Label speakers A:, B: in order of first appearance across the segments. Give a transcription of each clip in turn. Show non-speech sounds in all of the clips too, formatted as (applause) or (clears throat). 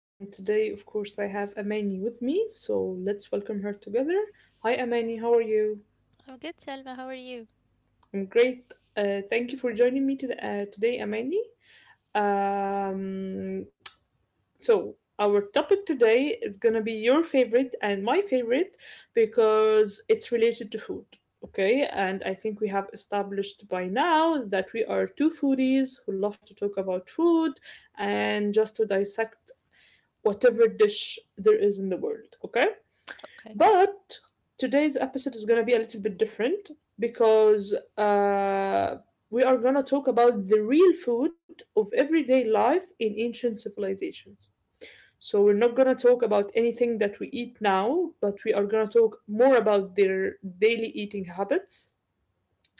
A: And today, of course, I have Amani with me. So let's welcome her together. Hi, Amani. How are you?
B: I'm good, Selma. How are you?
A: I'm great. Thank you for joining me today, Amani. Um, So, our topic today is going to be your favorite and my favorite because it's related to food. Okay, and I think we have established by now that we are two foodies who love to talk about food and just to dissect whatever dish there is in the world. Okay,
B: Okay.
A: but today's episode is going to be a little bit different because we are going to talk about the real food of everyday life in ancient civilizations. So we're not gonna talk about anything that we eat now, but we are gonna talk more about their daily eating habits,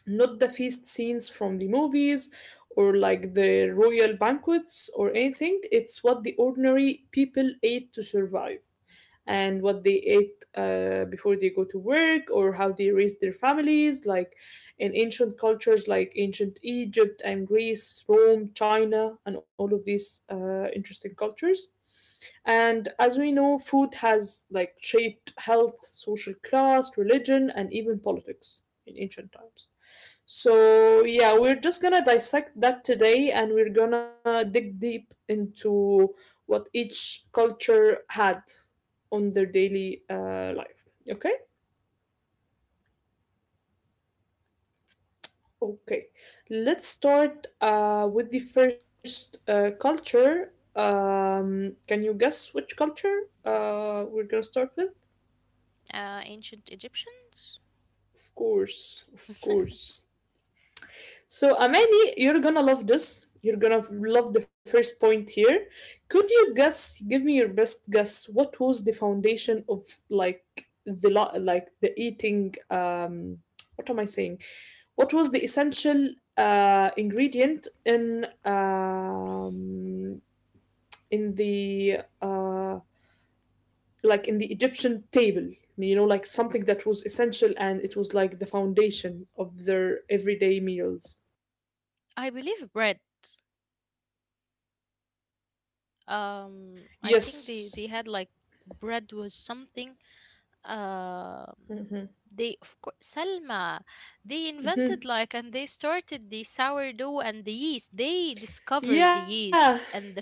A: not the feast scenes from the movies or like the royal banquets or anything. It's what the ordinary people ate to survive and what they ate before they go to work, or how they raised their families, like in ancient cultures like ancient Egypt and Greece, Rome, China, and all of these interesting cultures. And as we know, food has like shaped health, social class, religion, and even politics in ancient times. So, yeah, we're just gonna dissect that today, and we're gonna dig deep into what each culture had on their daily life. Okay? Okay. Let's start with the first culture. Can you guess which culture we're gonna start with?
B: Ancient Egyptians?
A: Of course, of
B: (laughs)
A: course. So, Amani, you're gonna love this. You're gonna love the first point here. Could you guess, give me your best guess, what was the foundation of like the lo- like the eating what am I saying? What was the essential ingredient in the like in the Egyptian table? You know, like something that was essential and it was like the foundation of their everyday meals.
B: I believe bread. I think they
A: Yes.
B: had like bread was something. Um,
A: Mhm.
B: they of course Selma. They invented like and they started the sourdough and the yeast. They discovered the
A: Yeah,
B: yeast and the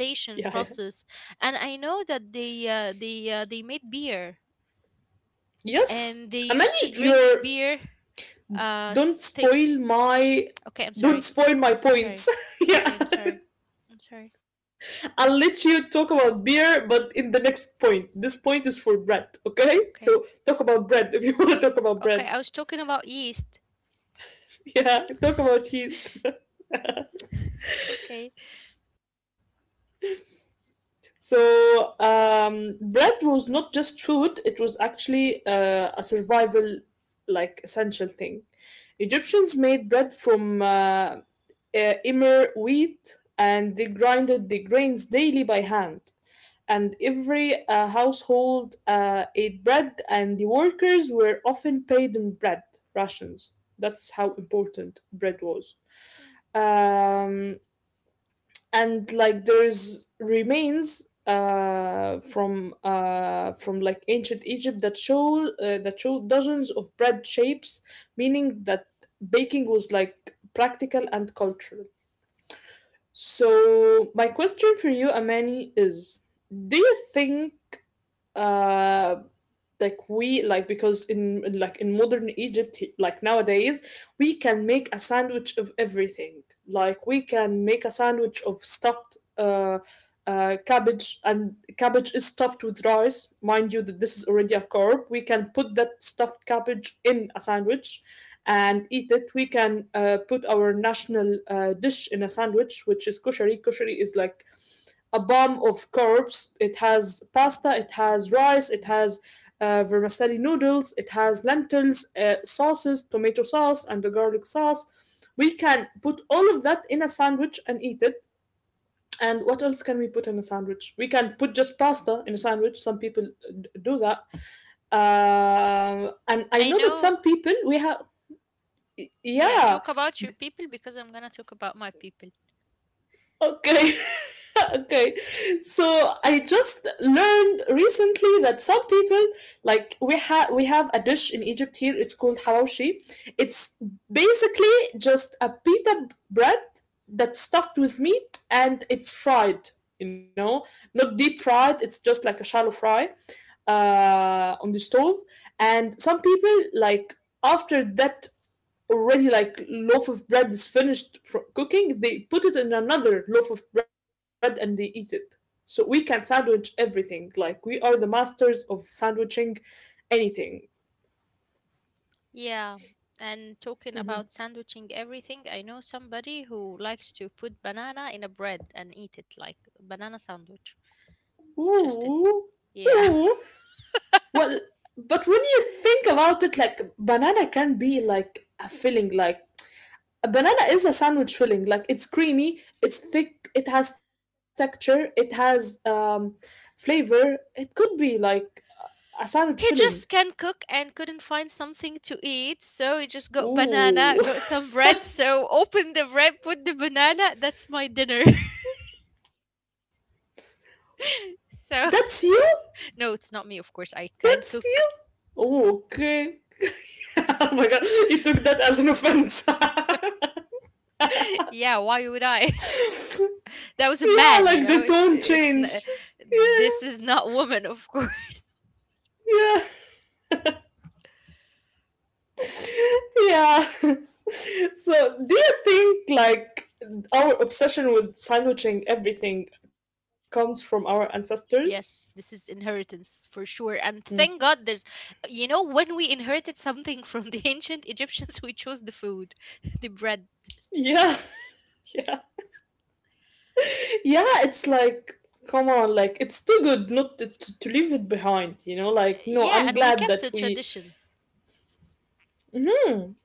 A: yeah, yeah.
B: process. And I know that they made beer
A: Yes,
B: and they used to
A: Amani,
B: drink
A: you're
B: beer. Uh,
A: don't
B: Thing.
A: spoil my
B: Okay, I'm
A: don't
B: sorry.
A: spoil my points.
B: Sorry.
A: (laughs) Yeah,
B: Okay, I'm sorry. I'm sorry.
A: (laughs) I'll let you talk about beer, but in the next point. This point is for bread. Okay,
B: Okay.
A: so talk about bread if you (laughs) want to talk about
B: Okay,
A: bread.
B: I was talking about yeast.
A: Yeah, talk about cheese. (laughs)
B: Okay.
A: So, bread was not just food, it was actually a survival, like, essential thing. Egyptians made bread from emmer wheat, and they grinded the grains daily by hand. And every household ate bread, and the workers were often paid in bread rations. That's how important bread was.
B: Mm.
A: Um, and like there's remains from ancient Egypt that show dozens of bread shapes, meaning that baking was like practical and cultural. So my question for you, Amani, is: Do you think uh like we like because in modern Egypt, like nowadays we can make a sandwich of everything. Like we can make a sandwich of stuffed cabbage, and cabbage is stuffed with rice, mind you that this is already a carb. We can put that stuffed cabbage in a sandwich and eat it. We can put our national dish in a sandwich, which is koshari. Koshari is like a bomb of carbs. It has pasta, it has rice, it has vermicelli noodles, it has lentils, sauces, tomato sauce, and the garlic sauce. We can put all of that in a sandwich and eat it. And what else can we put in a sandwich? We can put just pasta in a sandwich. Some people do that. And I
B: I
A: know that
B: know.
A: some people we have.
B: Yeah,
A: Yeah.
B: talk about your people because I'm gonna talk about my people.
A: Okay. (laughs) Okay. So I just learned recently that some people like we have a dish in Egypt here, it's called hawashi. It's basically just a pita bread that's stuffed with meat, and it's fried, you know, not deep fried, it's just like a shallow fry on the stove. And some people, like, after that, already like loaf of bread is finished fro cooking, they put it in another loaf of bread and they eat it. So we can sandwich everything. Like we are the masters of sandwiching anything.
B: Yeah, and talking about
A: Mhm.
B: sandwiching everything, I know somebody who likes to put banana in a bread and eat it like banana sandwich. Just
A: Ooh,
B: it. Yeah.
A: ooh.
B: (laughs)
A: Well, but when you think about it, like banana can be like a filling. Like a banana is a sandwich filling. Like it's creamy, it's thick, it has texture, it has flavor. It could be like a sandwich
B: He
A: filling.
B: just can cook and couldn't find something to eat, so he just got banana,
A: Ooh.
B: got some
A: (laughs)
B: bread, so open the bread, put the banana, that's my dinner. (laughs) So
A: That's you?
B: no, it's not me, of course. I can
A: That's
B: cook.
A: you? Oh, okay. (laughs) Oh my god, he took that as an offense. (laughs) Yeah,
B: (laughs) Yeah, why would I? (laughs) That was a man,
A: like the tone change.
B: This
A: Yeah,
B: is not woman, of course. (laughs)
A: yeah, yeah. (laughs) So, do you think like our obsession with sandwiching everything comes from our ancestors?
B: Yes, this is inheritance for sure. And
A: Mm.
B: thank God there's when we inherited something from the (laughs) ancient Egyptians, we chose the food, (laughs) the bread.
A: Yeah, (laughs) yeah, yeah. It's like, come on, like it's too good not to leave it behind. You know, like no,
B: Yeah,
A: I'm
B: and we
A: glad
B: kept
A: that
B: the
A: we
B: tradition.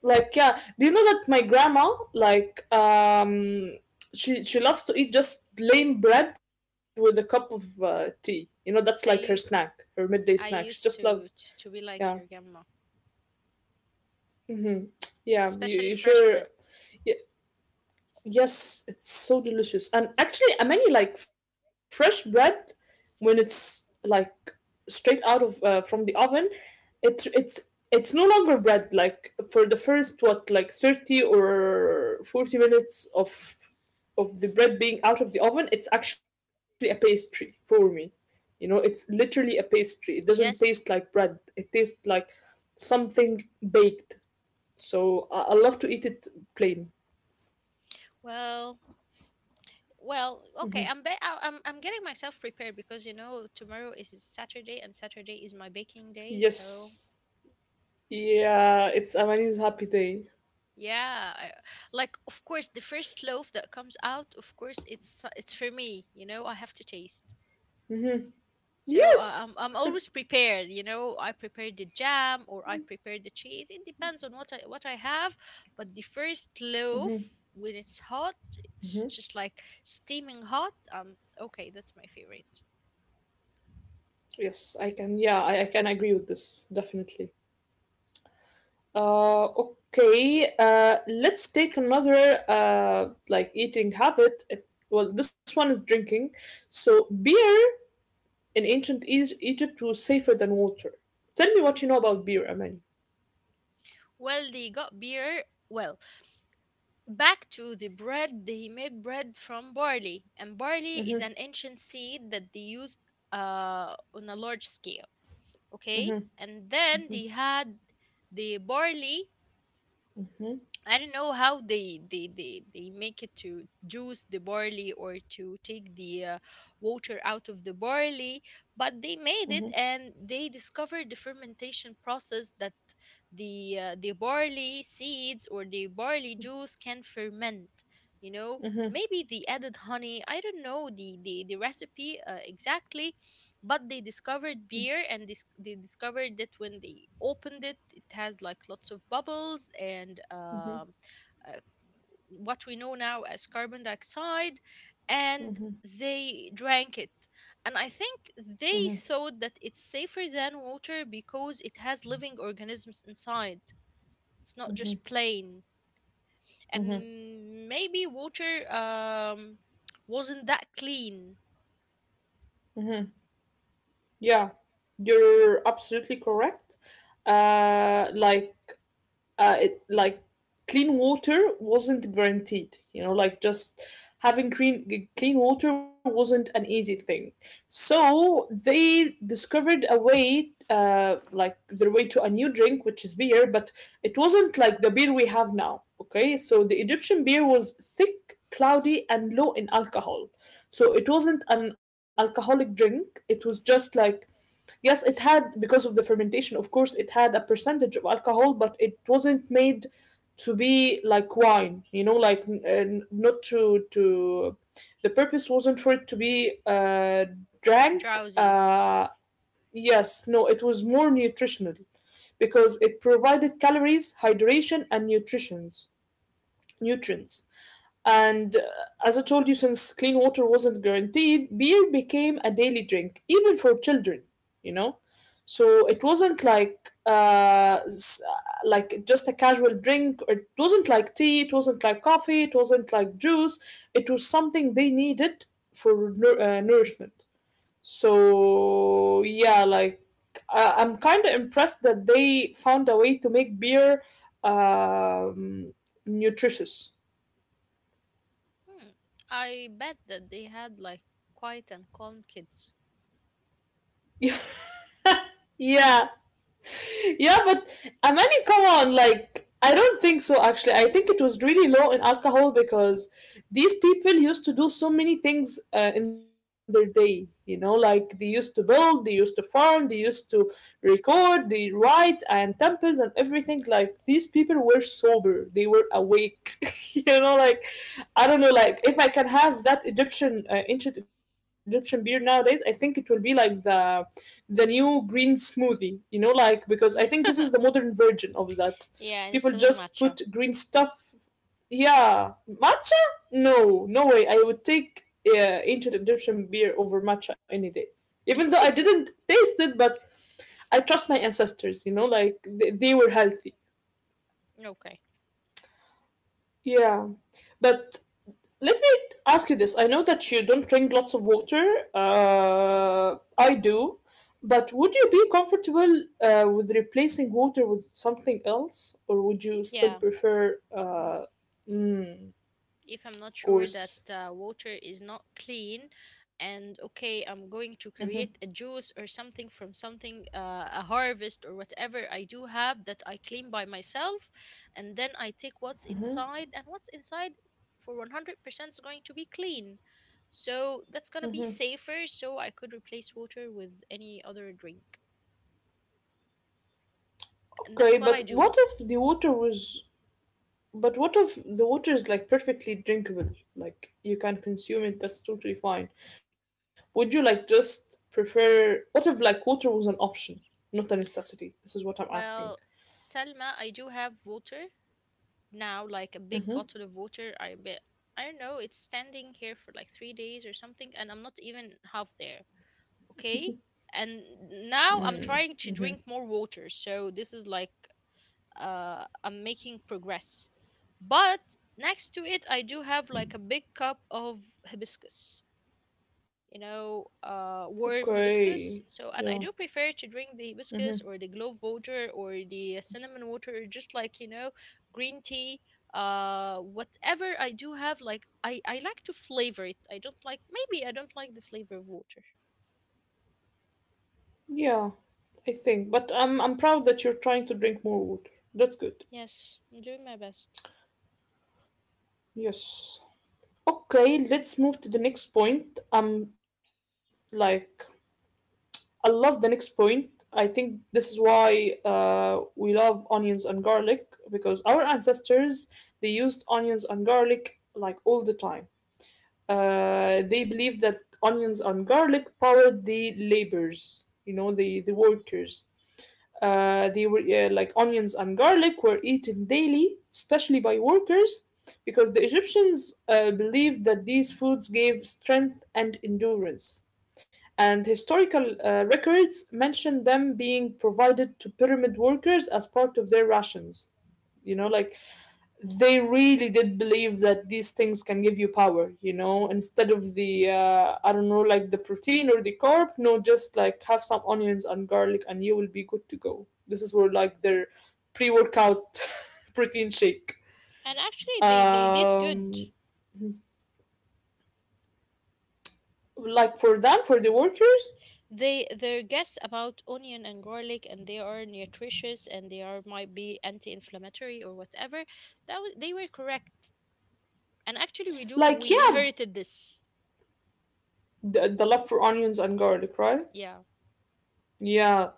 A: Like yeah, do you know that my grandma like she loves to eat just plain bread with a cup of tea. You know that's like her
B: i
A: snack,
B: u-
A: her midday snack. She
B: I
A: just loves
B: used to, to be
A: yeah.
B: like your grandma,
A: Hmm. Yeah, you,
B: especially
A: you
B: fresh
A: sure
B: bread.
A: y- yes, it's so delicious. And actually I many like fresh bread when it's like straight out of from the oven, it it's it's no longer bread. Like for the first what like 30 or 40 minutes of the bread being out of the oven, it's actually a pastry for me. You know, it's literally a pastry. It doesn't taste like
B: Yes.
A: bread. It tastes like something baked. So I love to eat it plain.
B: Well, well, okay, I'm getting myself prepared because you know tomorrow is Saturday and Saturday is my baking day. So
A: Yes. Yeah, it's Amani's happy day.
B: yeah, I, like of course the first loaf that comes out, of course it's for me, you know, I have to taste. So I'm
A: Yes. (laughs)
B: I'm always prepared, you know. I prepare the jam or I prepare the cheese. It depends on what I have, but the first loaf when it's hot, it's just like steaming hot. Okay, that's my favorite.
A: Yes, I can. Yeah, I can agree with this, definitely. Okay. Let's take another like eating habit. It- Well, this one is drinking. So beer in ancient Egypt was safer than water. Tell me what you know about beer, Amani.
B: Well, they got beer. Well, back to the bread. They made bread from barley, and barley is an ancient seed that they used on a large scale. Okay, and then they had the barley. I don't know how they make it to juice the barley or to take the water out of the barley, but they made it and they discovered the fermentation process that the barley seeds or the barley juice can ferment. You know, maybe they added honey. I don't know the recipe exactly, but they discovered beer and this they discovered that when they opened it has like lots of bubbles and uh, what we know now as carbon dioxide, and they drank it, and I think they thought that it's safer than water because it has living organisms inside. It's not just plain, and maybe water wasn't that clean.
A: Yeah, you're absolutely correct. Uh, like like clean water wasn't guaranteed. You know, like just having clean water wasn't an easy thing. So they discovered a way, like their way to a new drink, which is beer, but it wasn't like the beer we have now. Okay, so the Egyptian beer was thick, cloudy, and low in alcohol. So it wasn't an alcoholic drink. It was just like Yes, it had, because of the fermentation, of course, it had a percentage of alcohol, but it wasn't made to be like wine, you know, like not to. The purpose wasn't for it to be drank.
B: Drowsy.
A: Yes, no, it was more nutritional because it provided calories, hydration, and nutritions, nutrients. And As I told you, since clean water wasn't guaranteed, beer became a daily drink, even for children, you know? So it wasn't like like just a casual drink. Or it wasn't like tea. It wasn't like coffee. It wasn't like juice. It was something they needed for nourishment. So yeah, like I'm kind of impressed that they found a way to make beer um, nutritious.
B: Hmm. I bet that they had like quiet and calm kids.
A: (laughs) Yeah, yeah, but Amani, come on, like I don't think so actually. I think it was really low in alcohol because these people used to do so many things in their day, you know, like they used to build, they used to farm, they used to record, they write and temples and everything. Like these people were sober, they were awake, (laughs) you know, like I don't know, like if I can have that Egyptian ancient Egyptian beer nowadays, I think it will be like the new green smoothie, you know, like
B: (laughs)
A: because
B: Yeah,
A: I think this is the modern version of that.
B: and
A: People
B: instead of
A: just
B: matcha.
A: put green stuff. Yeah, matcha? No, no way. I would take ancient Egyptian beer over matcha any day. Even though I
B: (laughs)
A: didn't taste it, but I trust my ancestors, you know, like they were healthy.
B: Okay.
A: Yeah. But let me ask you this. I know that you don't drink lots of water. I do. But would you be comfortable with replacing water with something else? Or would you still
B: Yeah.
A: prefer, mm,
B: If I'm
A: of
B: not sure that
A: course.
B: water is not clean, and okay, I'm going to create a juice or something from something, a harvest or whatever I do have that I clean by myself, and then I take what's inside, and what's inside for 100% is going to be clean. So that's gonna be safer, so I could replace water with any other drink. And
A: Okay,
B: that's what
A: but
B: I
A: what
B: do.
A: if the water was. But what if the water is like perfectly drinkable? Like you can consume it, that's totally fine. Would you like just prefer. What if like water was an option, not a necessity? This is what I'm
B: Well,
A: asking.
B: Selma, I do have water now like a big bottle of water. I bet I don't know. It's standing here for like 3 days or something, and I'm not even half there. Okay, and now I'm trying to drink more water. So this is like I'm making progress, but next to it I do have like a big cup of hibiscus, you know, warm
A: Okay.
B: hibiscus.
A: Yeah.
B: So, and I do prefer to drink the hibiscus or the clove water or the cinnamon water, just like, you know, green tea. Whatever I do have, like, I like to flavor it. I don't like, maybe I don't like the flavor of water.
A: Yeah, I think. But I'm proud that you're trying to drink more water. That's good.
B: Yes, I'm doing my best.
A: Yes. Okay, let's move to the next point. Like I love the next point. I think this is why we love onions and garlic because our ancestors they used onions and garlic like all the time. They believed that onions and garlic powered the laborers, you know, the workers. They were like Onions and garlic were eaten daily, especially by workers, because the Egyptians believed that these foods gave strength and endurance. And historical records mention them being provided to pyramid workers as part of their rations. You know, like they really did believe that these things can give you power, you know, instead of the I don't know, like the protein or the carb. No, just like have some onions and garlic and you will be good to go. This is where like their pre-workout (laughs) protein shake.
B: And actually, they did good.
A: um like for them, for the workers,
B: They their guess about onion and garlic, and they are nutritious, and they are might be anti-inflammatory or whatever. That was, they were correct. And actually, we do.
A: like,
B: We
A: yeah,
B: inherited this.
A: the love for onions and garlic, right?
B: Yeah,
A: Yeah.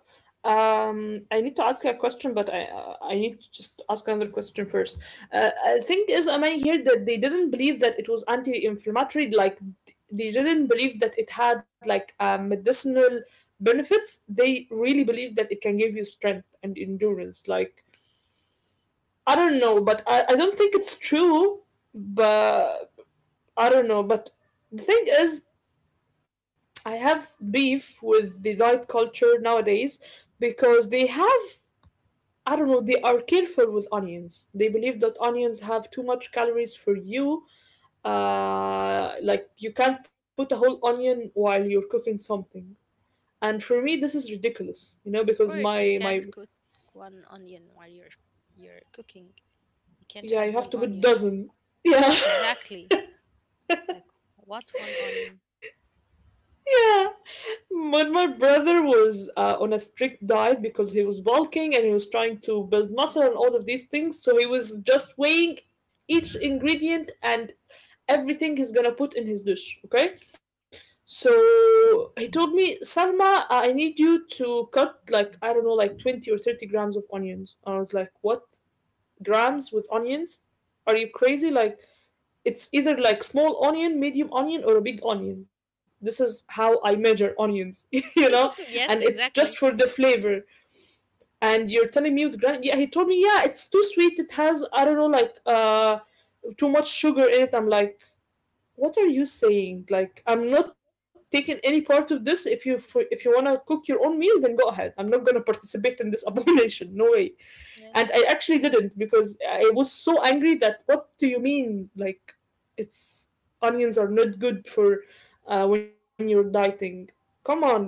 A: I need to ask you a question, but I need to just ask another question first. I think, is am I here that they didn't believe that it was anti-inflammatory, like they didn't believe that it had like medicinal benefits. They really believed that it can give you strength and endurance. Like I don't know, but I don't think it's true. But I don't know. But the thing is, I have beef with the diet culture nowadays because they have, I don't know, they are careful with onions. They believe that onions have too much calories for you. Like, you can't put a whole onion while you're cooking something. And for me, this is ridiculous, you know,
B: of
A: because
B: course, you
A: my,
B: can't
A: my,
B: cook one onion while you're cooking. You can't
A: Yeah,
B: add
A: you
B: one
A: have to put
B: onion.
A: dozen. Yeah,
B: Exactly. Like what one onion?
A: (laughs) yeah. But my brother was on a strict diet because he was bulking and he was trying to build muscle and all of these things. So he was just weighing each ingredient and everything he's gonna put in his dish. Okay, so he told me, Salma, I need you to cut, like I don't know, like 20 or 30 grams of onions. I was like, what grams with onions? Are you crazy? Like it's either like small onion, medium onion, or a big onion. This is how I measure onions, (laughs) you know?
B: (laughs) Yes,
A: And it's
B: exactly.
A: just for the flavor. And you're telling me with gran, yeah, he told me, yeah, it's too sweet. It has, I don't know, like too much sugar in it. I'm like, what are you saying? Like, I'm not taking any part of this. If you, if you wanna cook your own meal, then go ahead. I'm not gonna participate in this (laughs) abomination. No way. And I
B: Yes,
A: actually didn't, because I was so angry. That what do you mean, like, it's, onions are not good for when you're dieting? Come on, like,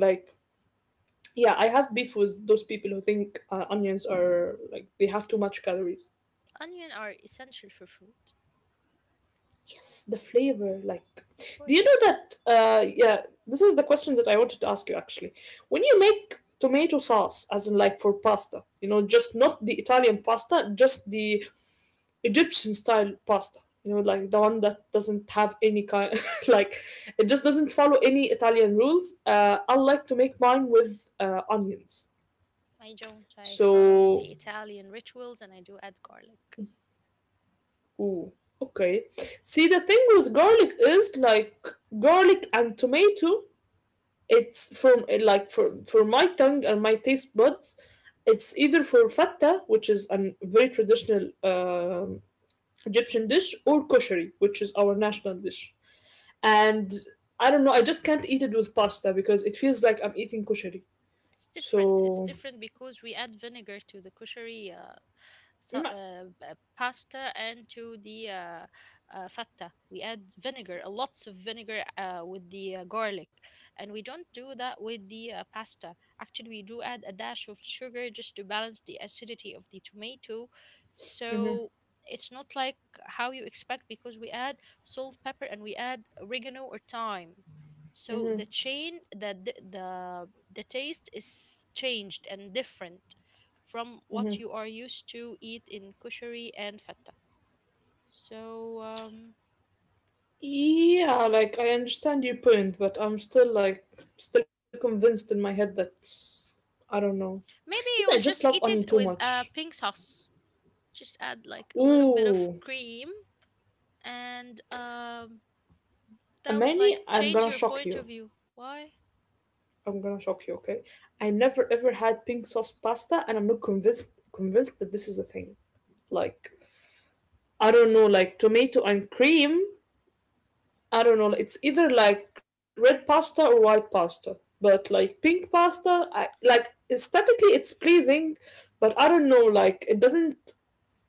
A: yeah, I have beef with those people who think onions are like they have too much calories.
B: onion are essential for food.
A: Yes, the flavor, like,
B: Of
A: do you know
B: course,
A: that yeah, this is the question that I wanted to ask you actually. When you make tomato sauce, as in like for pasta, you know, just not the Italian pasta, just the Egyptian style pasta. You know, like the one that doesn't have any kind, (laughs) like it just doesn't follow any Italian rules. I like to make mine with onions.
B: I don't. I follow the
A: So,
B: Italian rituals and I do add garlic.
A: ooh, okay. See, the thing with garlic is like garlic and tomato. It's from like for my tongue and my taste buds. It's either for fatta, which is a very traditional Egyptian dish, or koshari, which is our national dish. And I don't know. I just can't eat it with pasta because it feels like I'm eating kushari.
B: It's different. It's
A: So,
B: different because we add vinegar to the kosheri so,
A: mm,
B: pasta and to the fatta. We add vinegar, lots of vinegar with the garlic, and we don't do that with the pasta. Actually, we do add a dash of sugar just to balance the acidity of the tomato. So
A: mm-hmm,
B: it's not like how you expect because we add salt, pepper, and we add oregano or thyme. So the
A: mm-hmm,
B: chain that the taste is changed and different from what
A: mm-hmm.
B: you are used to eat in kushari and feta. So
A: Yeah, like I understand your point, but I'm still like, still convinced in my head that I don't know.
B: maybe
A: Maybe I
B: you will
A: just love
B: just eat
A: onion
B: it
A: too
B: with
A: much.
B: pink sauce. Just add like a little bit of
A: Ooh,
B: cream, and that would like
A: Amani, I'm
B: change
A: gonna
B: your
A: shock
B: point of
A: you.
B: view. Why?
A: I'm gonna shock you. Okay, I never ever had pink sauce pasta, and I'm not convinced that this is a thing. Like I don't know, like tomato and cream, I don't know. It's either like red pasta or white pasta, but like pink pasta, I like aesthetically it's pleasing, but I don't know. Like it doesn't,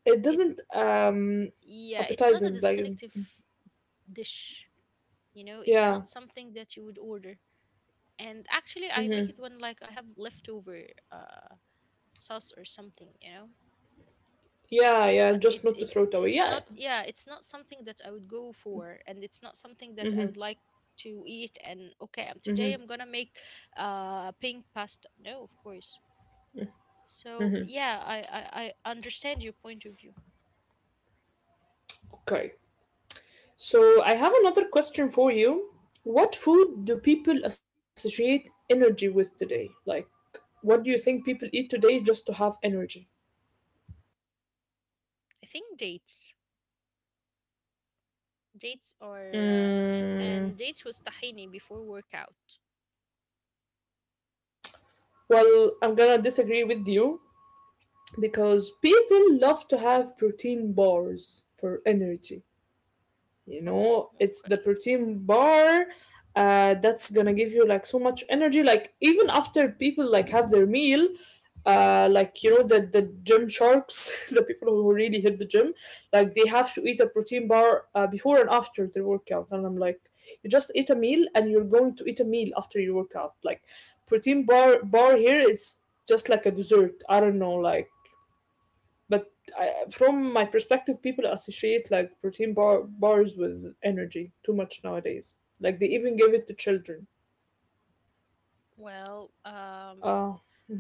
A: it
B: It
A: doesn't um
B: Yeah, it's not a
A: appetizing. Like,
B: distinctive dish. You know, it's
A: yeah,
B: not something that you would order. And actually,
A: mm-hmm.
B: I make it when like I have leftover uh, sauce or something. You know,
A: Yeah, yeah.
B: but it
A: Just not to
B: it's
A: throw it away.
B: it's not,
A: Yeah.
B: yeah, it's not something that I would go for and it's not something that I would
A: Mm-hmm,
B: like to eat. And okay,
A: mm-hmm.
B: today I'm gonna make pink pasta, no of course. So yeah, I understand your point of view.
A: Okay. So I have another question for you. What food do people associate energy with today? Like, what do you think people eat today just to have energy?
B: I think dates. Dates are
A: Mm.
B: and dates was tahini before workout.
A: Well, I'm gonna disagree with you because people love to have protein bars for energy. You
B: Oh,
A: know, it's the
B: okay.
A: protein bar that's gonna give you like so much energy. Like even after people like have their meal, like, you know, the gym sharks, (laughs) the people who really hit the gym, like they have to eat a protein bar before and after their workout. And I'm like, you just eat a meal and you're going to eat a meal after your workout. Like protein bar here is just like a dessert. I don't know, like, but I, from my perspective, people associate like bars with energy too much nowadays. Like they even give it to children.
B: Well,
A: Uh,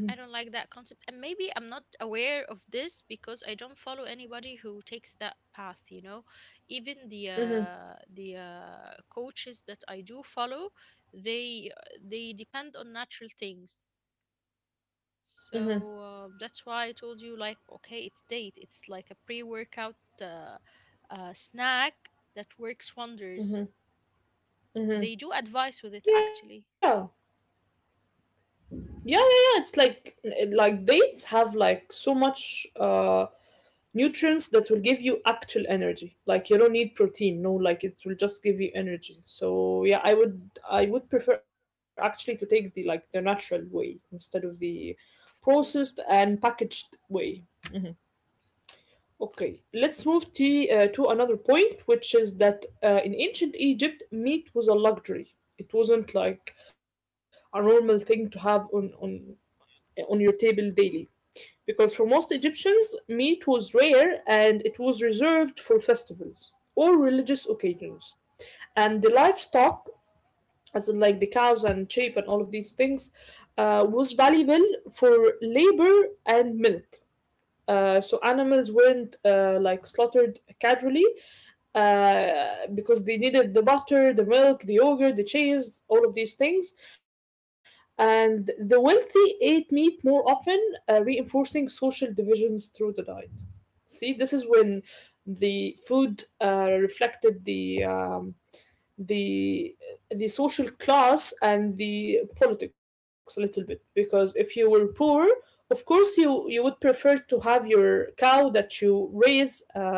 B: I don't like that concept. And maybe I'm not aware of this because I don't follow anybody who takes that path, you know. Even the
A: mm-hmm,
B: coaches that I do follow, they depend on natural things.
A: mm-hmm,
B: So that's why I told you like okay, it's date. It's like a pre-workout uh, snack that works wonders.
A: mm-hmm.
B: They do advise with it
A: Yeah.
B: actually,
A: Yeah, yeah, yeah. It's like dates have like so much nutrients that will give you actual energy. Like you don't need protein. No, like it will just give you energy. So yeah, I would prefer actually to take the, like the natural way, instead of the
B: of
A: processed and
B: course.
A: packaged way. Okay, let's move to another point, which is that in ancient Egypt, meat was a luxury. It wasn't like a normal thing to have on your table daily. Because for most Egyptians, meat was rare and it was reserved for festivals or religious occasions. And the livestock, as in like the cows and sheep and all of these things, was valuable for labor and milk. So animals weren't like slaughtered casually because they needed the butter, the milk, the yogurt, the cheese, all of these things. And the wealthy ate meat more often, reinforcing social divisions through the diet. See, this is when the food reflected the the social class and the politics a little bit. Because if you were poor, of course you would prefer to have your cow that you raise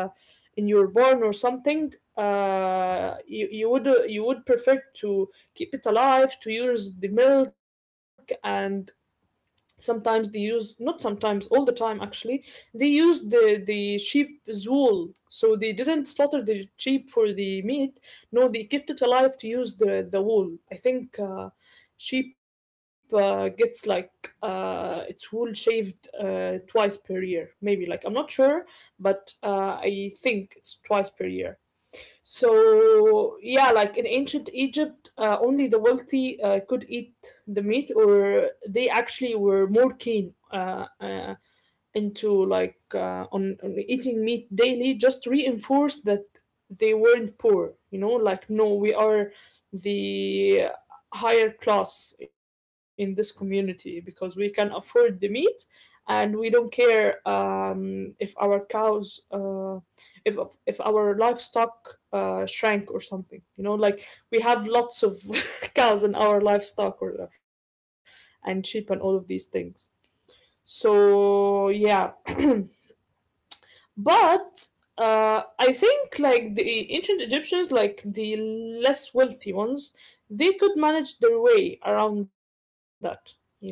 A: in your barn or something. You would, you would prefer to keep it alive to use the milk. And sometimes they use, not sometimes, all the time actually, they used the sheep's wool. So they didn't slaughter the sheep for the meat. No, they kept it alive to use the wool. I think sheep gets like its wool shaved twice per year, maybe, like I'm not sure, but I think it's twice per year. So yeah, like in ancient Egypt, only the wealthy could eat the meat, or they actually were more keen into like on eating meat daily, just reinforced that they weren't poor. You know, like, no, we are the higher class in this community because we can afford the meat, and we don't care if our cows if if our livestock shrank or something. You know, like we have lots of (laughs) cows in our livestock, or and sheep and all of these things. So yeah. (clears throat) But I think like the ancient Egyptians, like the less wealthy ones, they could manage their way around that. You know,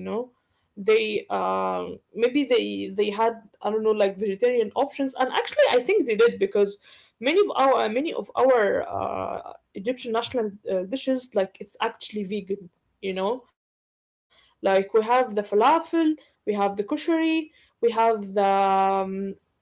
A: they maybe they had, I don't know, like vegetarian options, and actually I think they did. Because many of our Egyptian national dishes, like it's actually vegan. You know, like we have the falafel, we have the kushari, we have the um,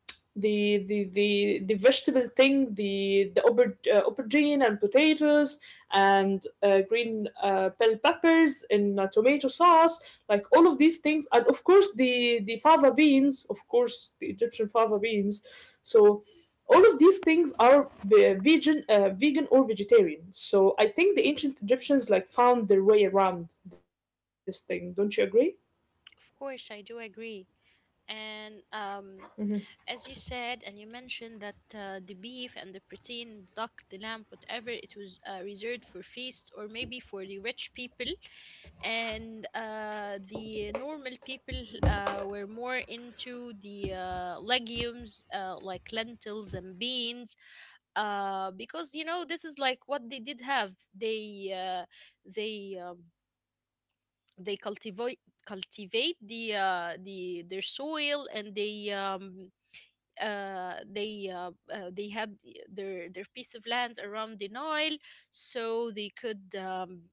A: the the the, the vegetable thing, the aubergine and potatoes and green bell peppers in tomato sauce, like all of these things, and of course the fava beans, of course the Egyptian fava beans. So all of these things are vegan, vegan or vegetarian. So I think the ancient Egyptians like found their way around this thing. Don't you agree?
B: Of course, I do agree. And as you said and you mentioned that the beef and the protein, the duck, the lamb, whatever it was, reserved for feasts or maybe for the rich people, and the normal people were more into the legumes, like lentils and beans, because you know this is like what they did have. They uh, they um, they cultivate the the their soil, and they they had their piece of lands around the Nile, so they could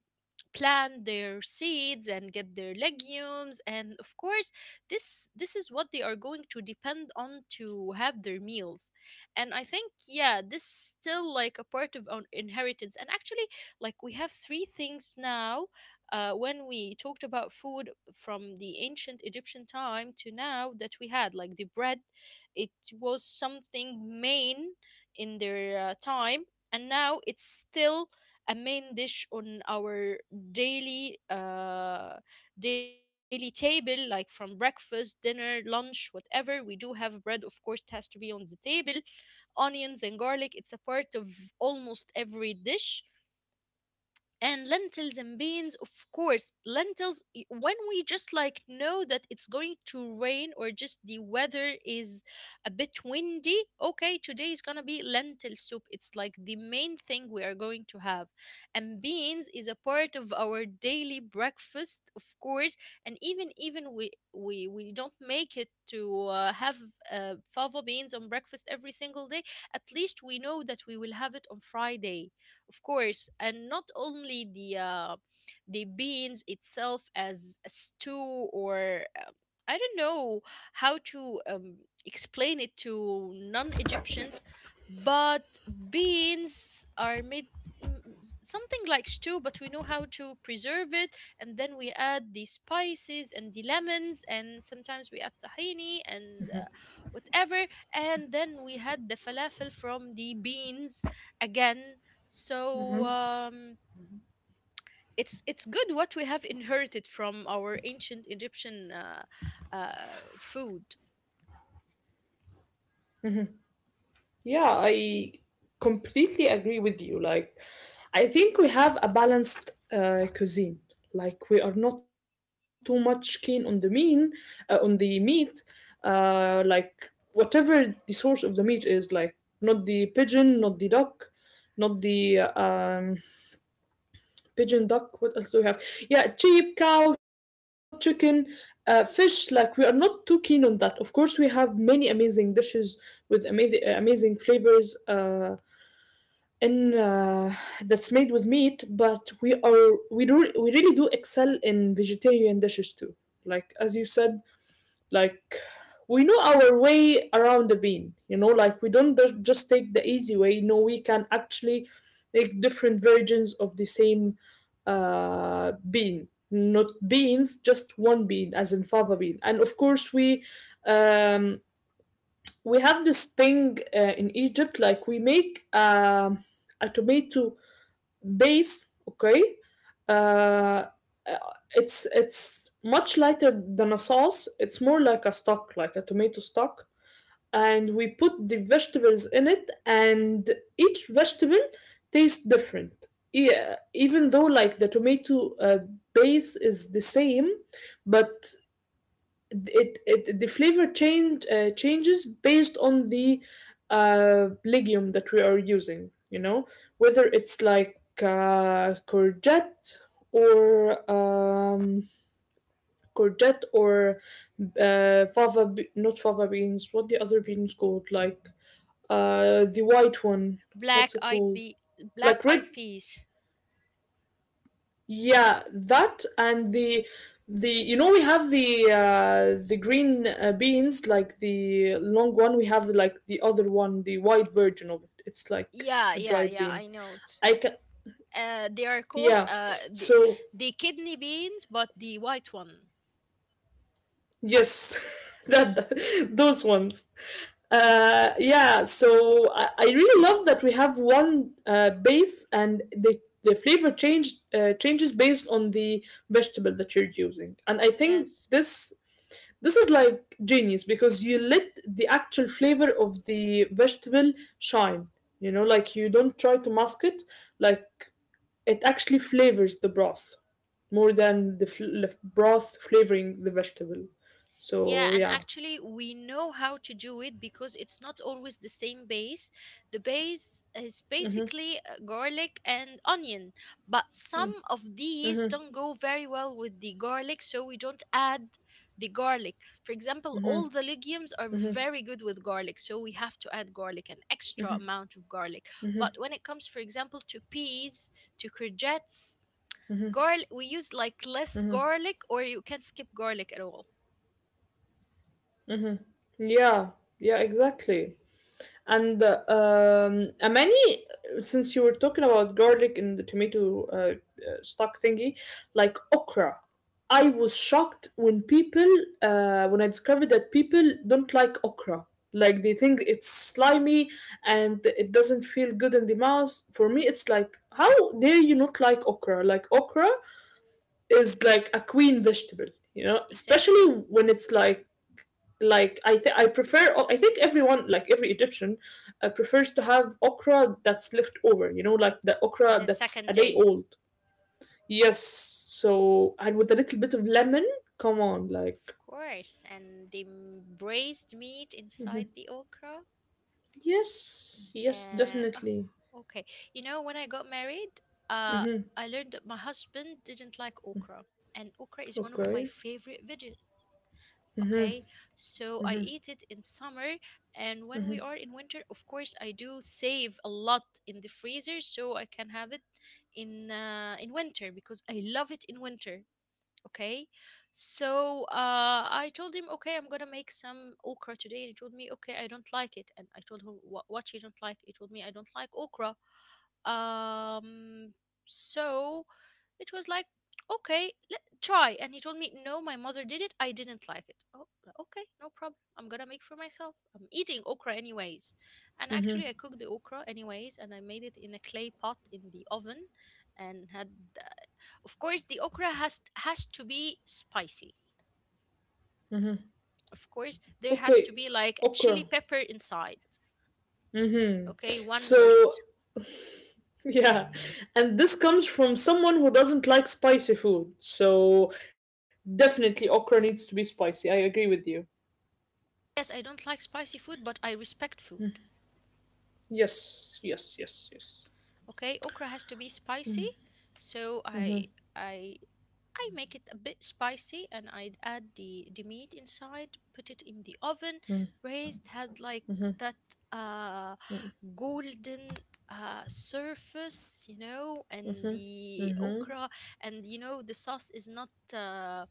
B: plant their seeds and get their legumes. And of course, this is what they are going to depend on to have their meals. And I think yeah this still like a part of our inheritance. And actually, like we have three things now, when we talked about food from the ancient Egyptian time to now, that we had like the bread. It was something main in their time, and now it's still a main dish on our daily daily table. Like from breakfast, dinner, lunch, whatever, we do have bread, of course it has to be on the table. Onions and garlic, it's a part of almost every dish. And lentils and beans, of course. Lentils, when we just like know that it's going to rain or just the weather is a bit windy, okay, today is gonna be lentil soup. It's like the main thing we are going to have. And beans is a part of our daily breakfast, of course. And even we don't make it to have fava beans on breakfast every single day, at least we know that we will have it on Friday, of course. And not only the beans itself as a stew, or I don't know how to explain it to non-Egyptians, but beans are made something like stew, but we know how to preserve it, and then we add the spices and the lemons, and sometimes we add tahini and whatever, and then we had the falafel from the beans again. So it's good what we have inherited from our ancient Egyptian food.
A: Yeah, I completely agree with you. Like, I think we have a balanced cuisine. Like, we are not too much keen on the mean, on the meat. Like, whatever the source of the meat is, like, not the pigeon, not the duck, not the pigeon, duck. What else do we have? Yeah, sheep, cow, chicken, fish. Like, we are not too keen on that. Of course, we have many amazing dishes with amazing flavors. In That's made with meat, but we really do excel in vegetarian dishes too, like as you said. Like, we know our way around the bean, you know, like we don't just take the easy way. No, we can actually make different versions of the same bean, not beans, just one bean, as in fava bean. And of course we, um, we have this thing in Egypt. Like, we make a tomato base. Okay, uh, uh, it's much lighter than a sauce. It's more like a stock, like a tomato stock, and we put the vegetables in it, and each vegetable tastes different. Yeah, even though like the tomato base is the same, but it, the flavor changes based on the legume that we are using, you know, whether it's like courgette or courgette or fava not fava beans. What the other beans called? Like the white one. What's it
B: Black-eyed
A: called?
B: be
A: Like
B: Black-eyed
A: red...
B: peas.
A: Yeah, that, and the, we have the green beans, like the long one. We have the, like, the other one, the white version of it. It's like
B: Yeah,
A: a
B: yeah,
A: dried
B: yeah.
A: bean.
B: I know it.
A: I can...
B: They are called
A: yeah, so...
B: the kidney beans, but the white one.
A: Yes, (laughs) those ones. Yeah, so I really love that we have one base, and the flavor changes based on the vegetable that you're using. And I think
B: Yes.
A: this is like genius, because you let the actual flavor of the vegetable shine. You know, like you don't try to mask it. Like, it actually flavors the broth more than the broth flavoring the vegetable.
B: Yeah,
A: So
B: and
A: yeah,
B: actually, we know how to do it because it's not always the same base. The base is basically garlic and onion, but some of these don't go very well with the garlic, so we don't add the garlic. For example, all the legumes are very good with garlic, so we have to add garlic, an extra amount of garlic. But when it comes, for example, to peas, to courgettes, garlic, we use like less garlic, or you can skip garlic at all.
A: yeah, yeah, exactly. And since you were talking about garlic and the tomato stock thingy, like, okra, I was shocked when when I discovered that people don't like okra. Like, they think it's slimy and it doesn't feel good in the mouth. For me, it's like, how dare you not like okra? Like, okra is like a queen vegetable, you know, especially
B: Exactly.
A: when it's like... I think everyone, like, every Egyptian prefers to have okra that's left over, you know, like the okra
B: The
A: that's a
B: second
A: day
B: day,
A: old. Yes, so, and with a little bit of lemon, come on, like.
B: of course. And they braised meat inside the
A: Mhm.
B: okra.
A: Yes,
B: Uh,
A: yes,
B: oh,
A: definitely.
B: okay. You know, when I got married, uh, I
A: Hmm.
B: learned that my husband didn't like okra, and okra is one of my
A: Okay.
B: favorite veggies. Okay,
A: Mm-hmm.
B: so I eat
A: Hmm.
B: it in summer, and when we are in winter, of course, I do save a lot in the freezer so I can have it in winter because I love it in winter. Okay, so I told him, okay, I'm gonna make some okra today, and he told me, okay, I don't like it. And I told him, what you don't like? He told me, I don't like okra. um so it was like, okay, let try. And he told me, no, my mother did it, I didn't like it. Oh, okay, no problem, I'm gonna make for myself, I'm eating okra anyways. And actually, I cooked the okra anyways, and I made it in a clay pot in the oven, and had, of course, the okra has to be spicy.
A: Hmm.
B: Of course there has
A: Okay,
B: to be like a chili
A: okra.
B: pepper inside.
A: Hmm.
B: Okay, one or
A: So...
B: two.
A: Yeah, and this comes from someone who doesn't like spicy food. So definitely okra needs to be spicy. I agree with you.
B: Yes, I don't like spicy food, but I respect food.
A: Yes, yes, yes, yes.
B: Okay, okra has to be spicy. so i
A: Mhm,
B: i I make it a bit spicy, and I add the meat inside, put it in the oven, braised, had like that
A: mhm,
B: uh golden surface, you know, and the okra,
A: mhm,
B: and you know, the sauce is not uh,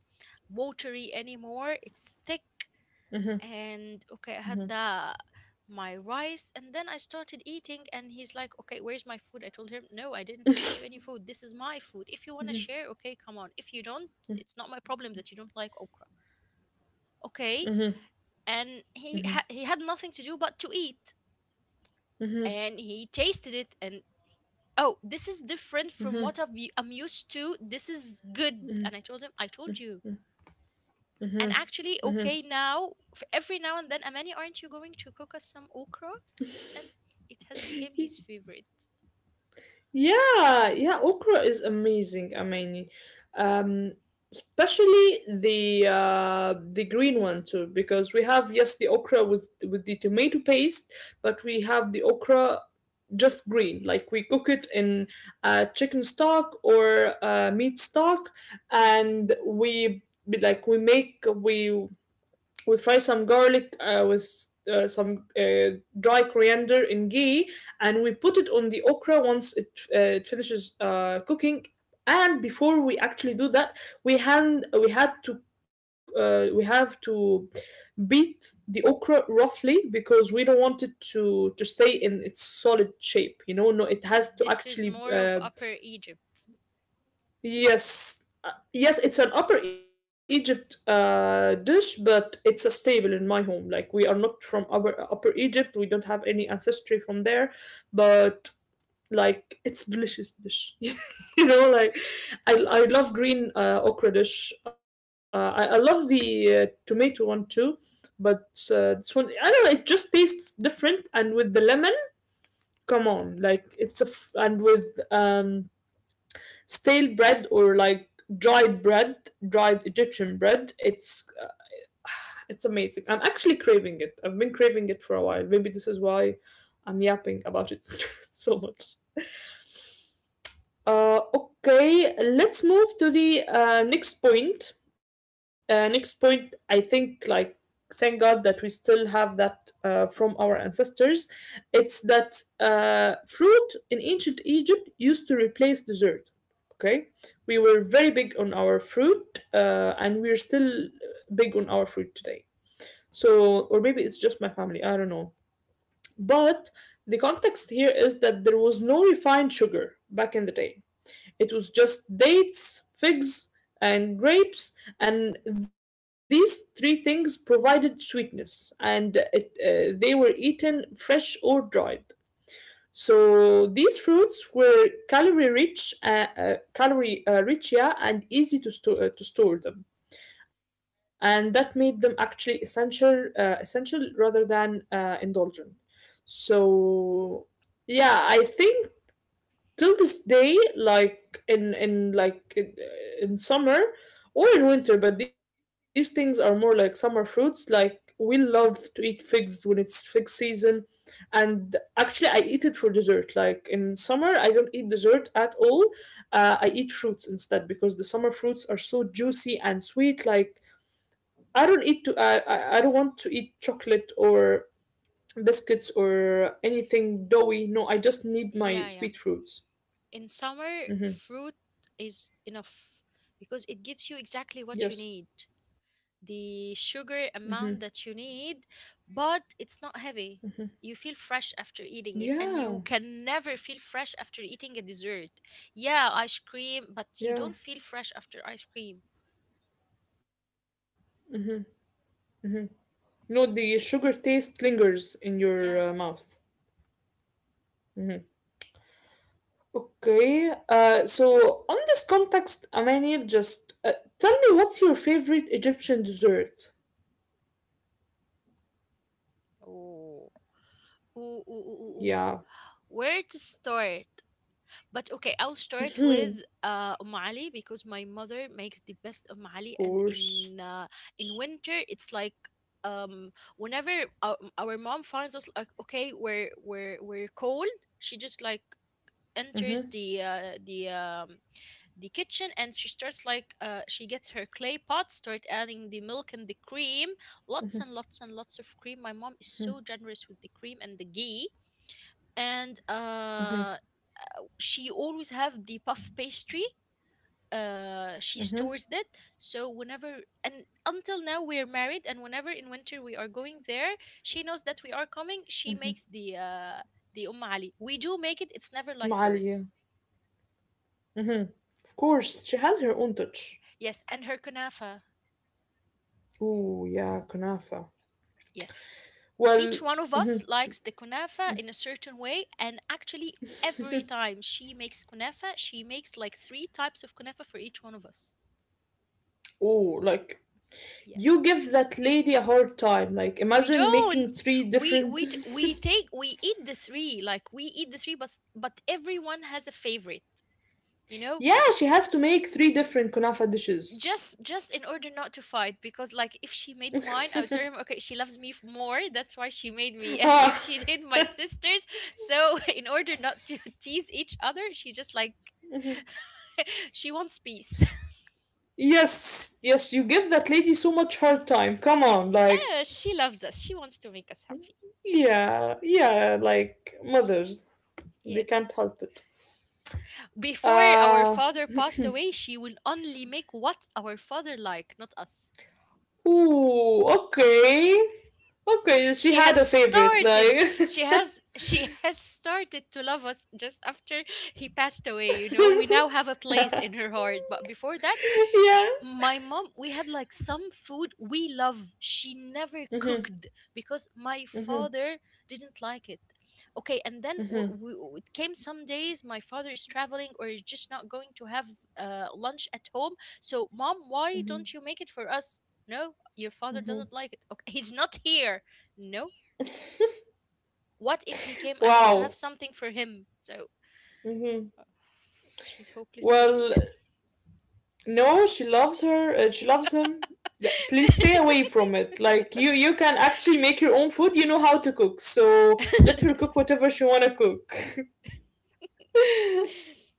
B: watery anymore. It's thick.
A: mhm,
B: And okay, I had the my rice, and then I started eating. And he's like, "Okay, where's my food?" I told him, "No, I didn't cook you any food. This is my food. If you wanna share, okay, come on. If you don't, it's not my problem that you don't like okra." Okay,
A: mhm,
B: and he
A: mhm,
B: he had nothing to do but to eat.
A: mhm,
B: And he tasted it and, oh, this is different from what I'm used to, this is good. And I told him, I told you. And
A: mhm,
B: actually,
A: mhm.
B: okay, now every now and then, Amani, aren't you going to cook us some okra? And it has become his favorite.
A: Yeah, yeah, okra is amazing. I mean, um, especially the green one too, because we have, yes, the okra with the tomato paste, but we have the okra just green. Like, we cook it in chicken stock or meat stock, and we... like we make we fry some garlic with some dry coriander in ghee, and we put it on the okra once it finishes cooking. And before we actually do that, we hand we had to we have to beat the okra roughly, because we don't want it to stay in its solid shape, you know. No, it has to
B: This is
A: actually
B: more of Upper Egypt.
A: Yes, yes, it's an Upper Egypt dish, but it's a staple in my home. Like, we are not from Upper Upper Egypt, we don't have any ancestry from there, but like, it's delicious dish. (laughs) You know, like, I love green okra dish. I love the tomato one too, but this one I don't know. It just tastes different, and with the lemon, come on, like, it's a and with stale bread, or like dried bread, dried Egyptian bread. It's amazing. I'm actually craving it. I've been craving it for a while. Maybe this is why I'm yapping about it (laughs) so much. Okay, let's move to the next point. Next point, I think, like, thank God that we still have that from our ancestors. It's that fruit in ancient Egypt used to replace dessert. Okay, we were very big on our fruit, and we're still big on our fruit today. So, or maybe it's just my family, I don't know. But the context here is that there was no refined sugar back in the day. It was just dates, figs, and grapes, and these three things provided sweetness, and they were eaten fresh or dried. So these fruits were calorie rich, yeah, and easy to store them, and that made them actually essential rather than indulgent. So yeah, I think till this day, like, in summer or in winter, but these things are more like summer fruits. Like, we love to eat figs when it's fig season. And actually, I eat it for dessert. Like, in summer I don't eat dessert at all. I eat fruits instead, because the summer fruits are so juicy and sweet. Like, I don't want to eat chocolate or biscuits or anything doughy. No, I just need my
B: Yeah, yeah,
A: sweet fruits.
B: in summer
A: Mm-hmm.
B: fruit is enough because it gives you exactly what you
A: Yes.
B: need, the sugar
A: Mhm.
B: amount that you need, but it's not heavy. You feel fresh after eating it, and
A: Yeah.
B: you can never feel fresh after eating a dessert. Yeah, ice cream, but you
A: Yeah.
B: don't feel fresh after ice cream.
A: No, the sugar taste lingers in your mouth.
B: Yes.
A: Okay. So on this context, Amani, just tell me, what's your favorite Egyptian dessert?
B: Ooh, ooh, ooh, ooh, ooh, ooh.
A: Yeah,
B: Where to start? But okay, I'll start with Ali because my mother makes the best
A: of
B: Ali, and
A: course.
B: in winter it's like, whenever our mom finds us like, okay, we're we're cold, she just like enters the kitchen and she starts like, she gets her clay pot, start adding the milk and the cream, lots and lots and lots of cream. My mom is so generous with the cream and the ghee. And she always have the puff pastry, she stores that. So whenever, and until now we're married, and whenever in winter we are going there, she knows that we are coming, she makes the ali. We do make it, it's never like
A: Malia.
B: hers.
A: Of course, she has her own touch.
B: Yes, and her kunafa.
A: Ooh, yeah, kunafa.
B: Yes, each
A: Well,
B: one of us likes the kunafa in a certain way. And actually, every time she makes kunafa, she makes like three types of kunafa for each one of us.
A: ooh, like, you
B: Yes,
A: give that lady a hard time. Like,
B: we
A: imagine making
B: don't,
A: three different.
B: we take, we eat the three, like we eat the three, but but everyone has a favorite, you
A: (laughs)
B: know.
A: Yeah, she has to make three different kunafa dishes.
B: Just in order not to fight, because like, if she made mine, I'll tell him, okay, she loves me more, that's why she made me, (laughs) and if
A: Ah,
B: she did my sisters, so (laughs) in order not to (laughs) tease each other, she just like (laughs) she wants peace. (laughs)
A: yes, yes, you give that lady so much hard time. Come on, like,
B: Yeah, she loves us, she wants to make us happy.
A: yeah, yeah, like, mothers, they
B: Yes.
A: can't help it.
B: Before our
A: Uh,
B: father passed away, she will only make what our father like, not us.
A: Ooh, okay. Okay, she
B: She has
A: had a favorite,
B: started.
A: like.
B: She
A: (laughs)
B: has (laughs) she has started to love us just after he passed away, you know. We now have a place in her heart, but before that,
A: Yeah.
B: my mom, we had like some food we love she never
A: Mm-hmm,
B: cooked because my
A: mm-hmm,
B: father didn't like it. Okay, and then
A: mm-hmm. Mm-hmm.
B: it came some days my father is traveling or is just not going to have lunch at home. So, mom, why don't you make it for us? No, your father doesn't like it. Okay, he's not here. No. What if he came? I want to have
A: Wow.
B: something for him. So
A: Mm-hmm.
B: she's hopeless
A: Well,
B: case.
A: no, she loves her. She loves him. Yeah, please stay away from it. Like, you can actually make your own food. You know how to cook, so let her cook whatever she wanna cook. (laughs)
B: (laughs) (laughs)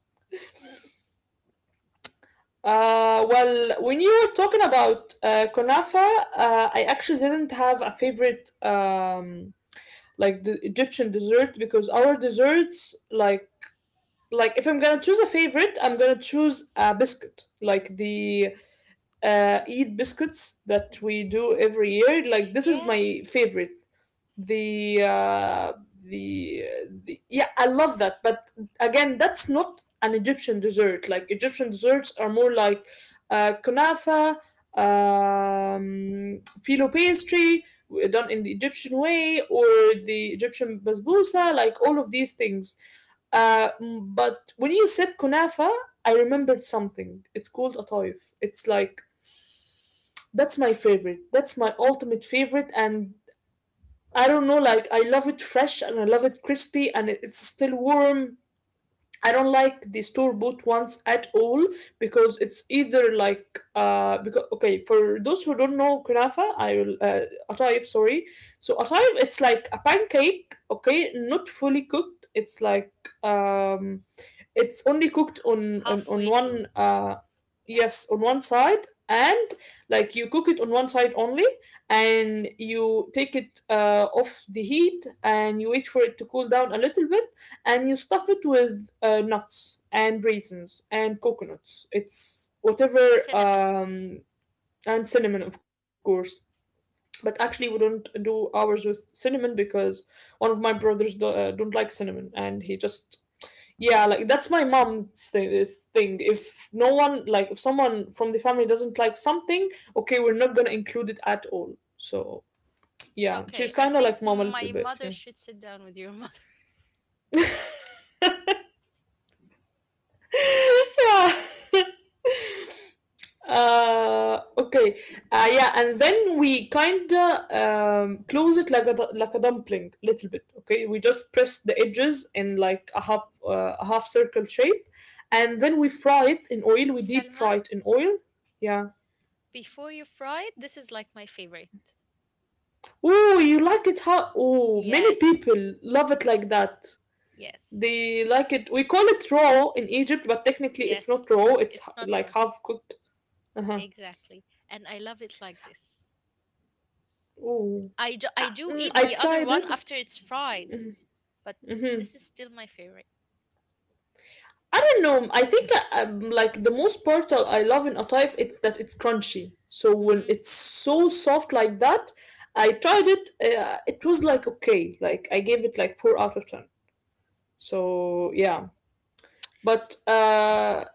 A: Well, when you were talking about kunafa, I actually didn't have a favorite, like, the Egyptian dessert, because our desserts, like... if I'm gonna choose a favorite, I'm gonna choose a biscuit, like the Eid biscuits that we do every year. Like, this is my
B: Yes,
A: favorite. The uh, the the Yeah, I love that. But again, that's not an Egyptian dessert. Like, Egyptian desserts are more like kunafa, filo pastry done in the Egyptian way, or the Egyptian basbousa, like, all of these things. But when you said kunafa, I remembered something. It's called a taif. It's like... that's my favorite, that's my ultimate favorite. And I don't know, like, I love it fresh and I love it crispy and it's still warm. I don't like the store bought ones at all, because it's either like... because okay, for those who don't know kunafa, I will... atayif, sorry. So atayif, it's like a pancake, okay, not fully cooked. It's like, um it's only cooked on
B: halfway through.
A: one
B: Yeah,
A: yes, on one side, and like, you cook it on one side only, and you take it off the heat, and you wait for it to cool down a little bit, and you stuff it with nuts and raisins and coconuts. It's whatever,
B: and cinnamon.
A: and cinnamon, of course. But actually, we don't do ours with cinnamon, because one of my brothers don't like cinnamon, and he just... yeah, like, that's my mom's thing. This thing, if no one, like, if someone from the family doesn't like something, okay, we're not gonna include it at all. So yeah,
B: Okay,
A: she's
B: I
A: kind of
B: think
A: like mom a little
B: my
A: bit,
B: mother
A: yeah.
B: should sit down with your mother.
A: (laughs) Yeah. (laughs) Okay. Yeah, and then we kinda close it like a like a dumpling, little bit. Okay, we just press the edges in like a half circle shape, and then we fry it in
B: (laughs)
A: oil. We deep
B: Selma,
A: fry it in oil. Yeah.
B: before you fry it, this is like my favorite.
A: Oh, you like it? How? Oh, many
B: Yes,
A: people love it like that.
B: yes,
A: They like it. We call it raw in Egypt, but technically it's
B: yes.
A: not raw. It's
B: It's not raw.
A: like half cooked. Uh huh.
B: Exactly. And I love it like this.
A: Oh,
B: I do eat
A: I
B: the other
A: tried
B: one
A: it.
B: after it's fried, but
A: Mm-hmm.
B: this is still my favorite.
A: I don't know. I think like, the most part I love in a Atayf, it's that it's crunchy. So when
B: Mm-hmm.
A: it's so soft like that, I tried it. It was like okay. Like, I gave it like 4 out of 10. So yeah. But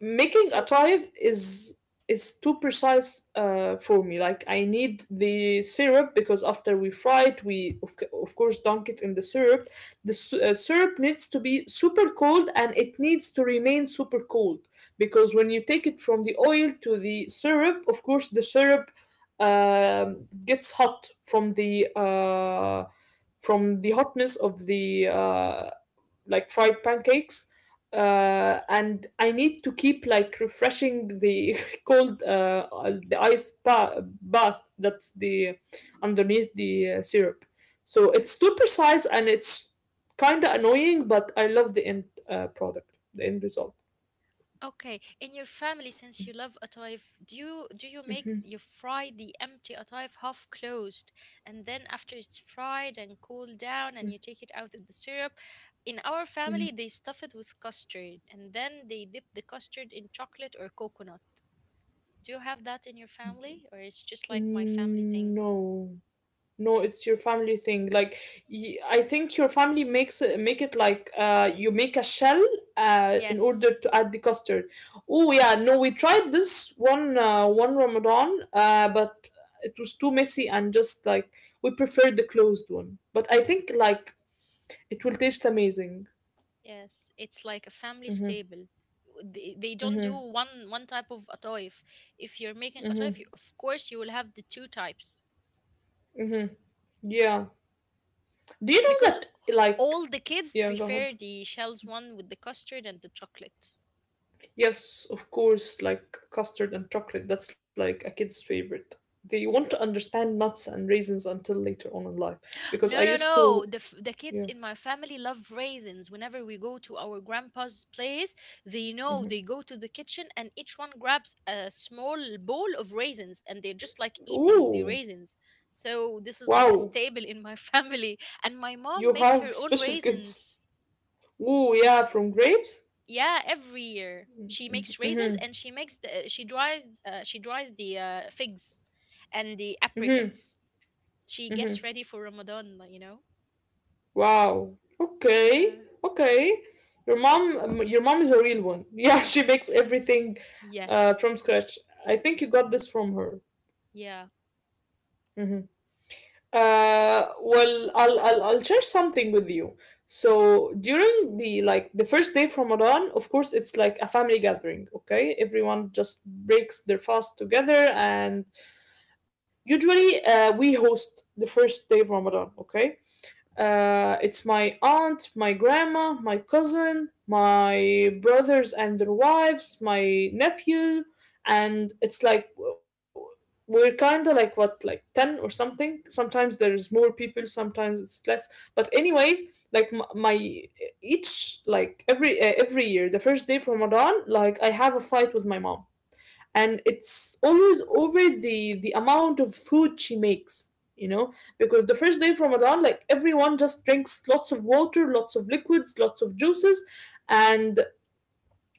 A: making a
B: So,
A: tithe is too precise for me. Like, I need the syrup, because after we fry it, we of course dunk it in the syrup. The syrup needs to be super cold and it needs to remain super cold because when you take it from the oil to the syrup, of course the syrup gets hot from the from the hotness of the like fried pancakes and I need to
B: precise,
A: keep
B: and
A: like
B: it's kind
A: refreshing
B: of
A: the (laughs) cold the bath. That's the underneath the syrup. So it's
B: annoying,
A: too precise
B: but
A: and it's kind of annoying, but
B: I
A: I
B: love
A: love the
B: it.
A: end product, the end result.
B: Okay, in your family, since you love atayef, do you, make, you fry the empty atayef half closed, and then after it's fried and cooled down, and you take it out of the syrup? In our
A: Mm,
B: family, they stuff it with custard, and then they dip the custard in chocolate or coconut. Do you have that in your family, or it's just like my family thing?
A: no. No, it's your family thing. Like I think your family makes it like you make a shell in
B: Yes.
A: order to add the custard. Oh yeah, no, we tried this one one Ramadan but it was too messy and just like we preferred the closed one. But I think like it will taste amazing.
B: Yes, it's like a family
A: Mm-hmm.
B: stable. They don't do
A: Mm-hmm.
B: one type of ataif. If you're making
A: Mm-hmm.
B: ataif, you, of course, you will have the two types
A: Mm-hmm. Yeah. Do you know
B: because
A: that like
B: all the kids
A: yeah, go ahead.
B: prefer the shells one with the custard and the chocolate.
A: Yes, of course, like custard and chocolate, that's like a kid's favorite. They want to understand nuts and raisins until later on in life.
B: No,
A: Because
B: no,
A: I used
B: no. The
A: to,
B: the kids in
A: yeah.
B: my family love raisins. Whenever we go to our grandpa's place, they know, they go to the kitchen, and each one grabs a small bowl of raisins, and they're just like eating the
A: Ooh,
B: raisins. So this is like a
A: wow,
B: staple in my (laughs) family. And my mom
A: you
B: makes her
A: have
B: own
A: special kids.
B: raisins.
A: Ooh, yeah, from grapes?
B: Yeah, every year she makes
A: Mm-hmm,
B: raisins, and she makes the, she dries, she dries the figs and the
A: mm-hmm,
B: apricots. She
A: mm-hmm.
B: gets ready for Ramadan, like, you know.
A: Wow. Okay,
B: Yeah.
A: okay. Your mom is a real one. (laughs) Yeah, she makes everything
B: Yes.
A: from scratch. I think you got this from her.
B: Yeah.
A: Mm-hmm. Well, I'll share something with you. So during the like the first day from Ramadan, of course, it's like a family gathering. Okay, everyone just breaks their fast together, and usually we host the first day of Ramadan. Okay, it's my aunt, my grandma, my cousin, my brothers and their wives, my nephew, and it's like we're kind of like what, like 10 or something. Sometimes there's more people, sometimes it's less. But anyways, like my each, like every year, the first day of Ramadan, like I have a fight with my mom, and it's always over the amount of food she makes, you know, because the first day of Ramadan, like everyone just drinks lots of water, lots of liquids, lots of juices, and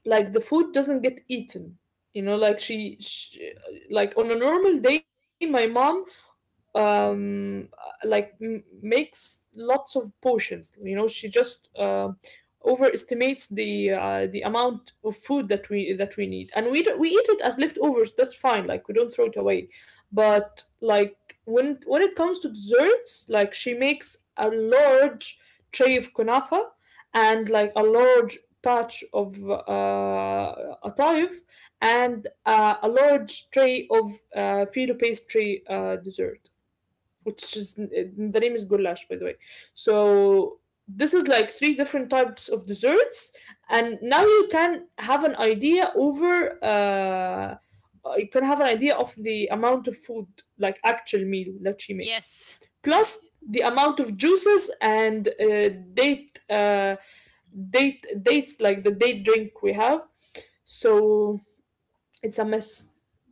A: like the food doesn't get eaten, you know, like she like on a normal day, my mom um like makes lots of potions, you know, she just overestimates the the amount of food that we need, and we eat it as leftovers. That's fine, like we don't throw it away. But like when it comes to desserts, like she makes a large tray of kunafa, and like a large patch of uh, a a large tray of filo pastry dessert, which is the name is goulash, by the way. So this is like three different types of desserts, and now you can have an idea over. You can have an idea of the amount of food, like actual meal that she makes,
B: Yes.
A: plus the amount of juices and date, uh, date dates, like the date drink we have. So it's a mess.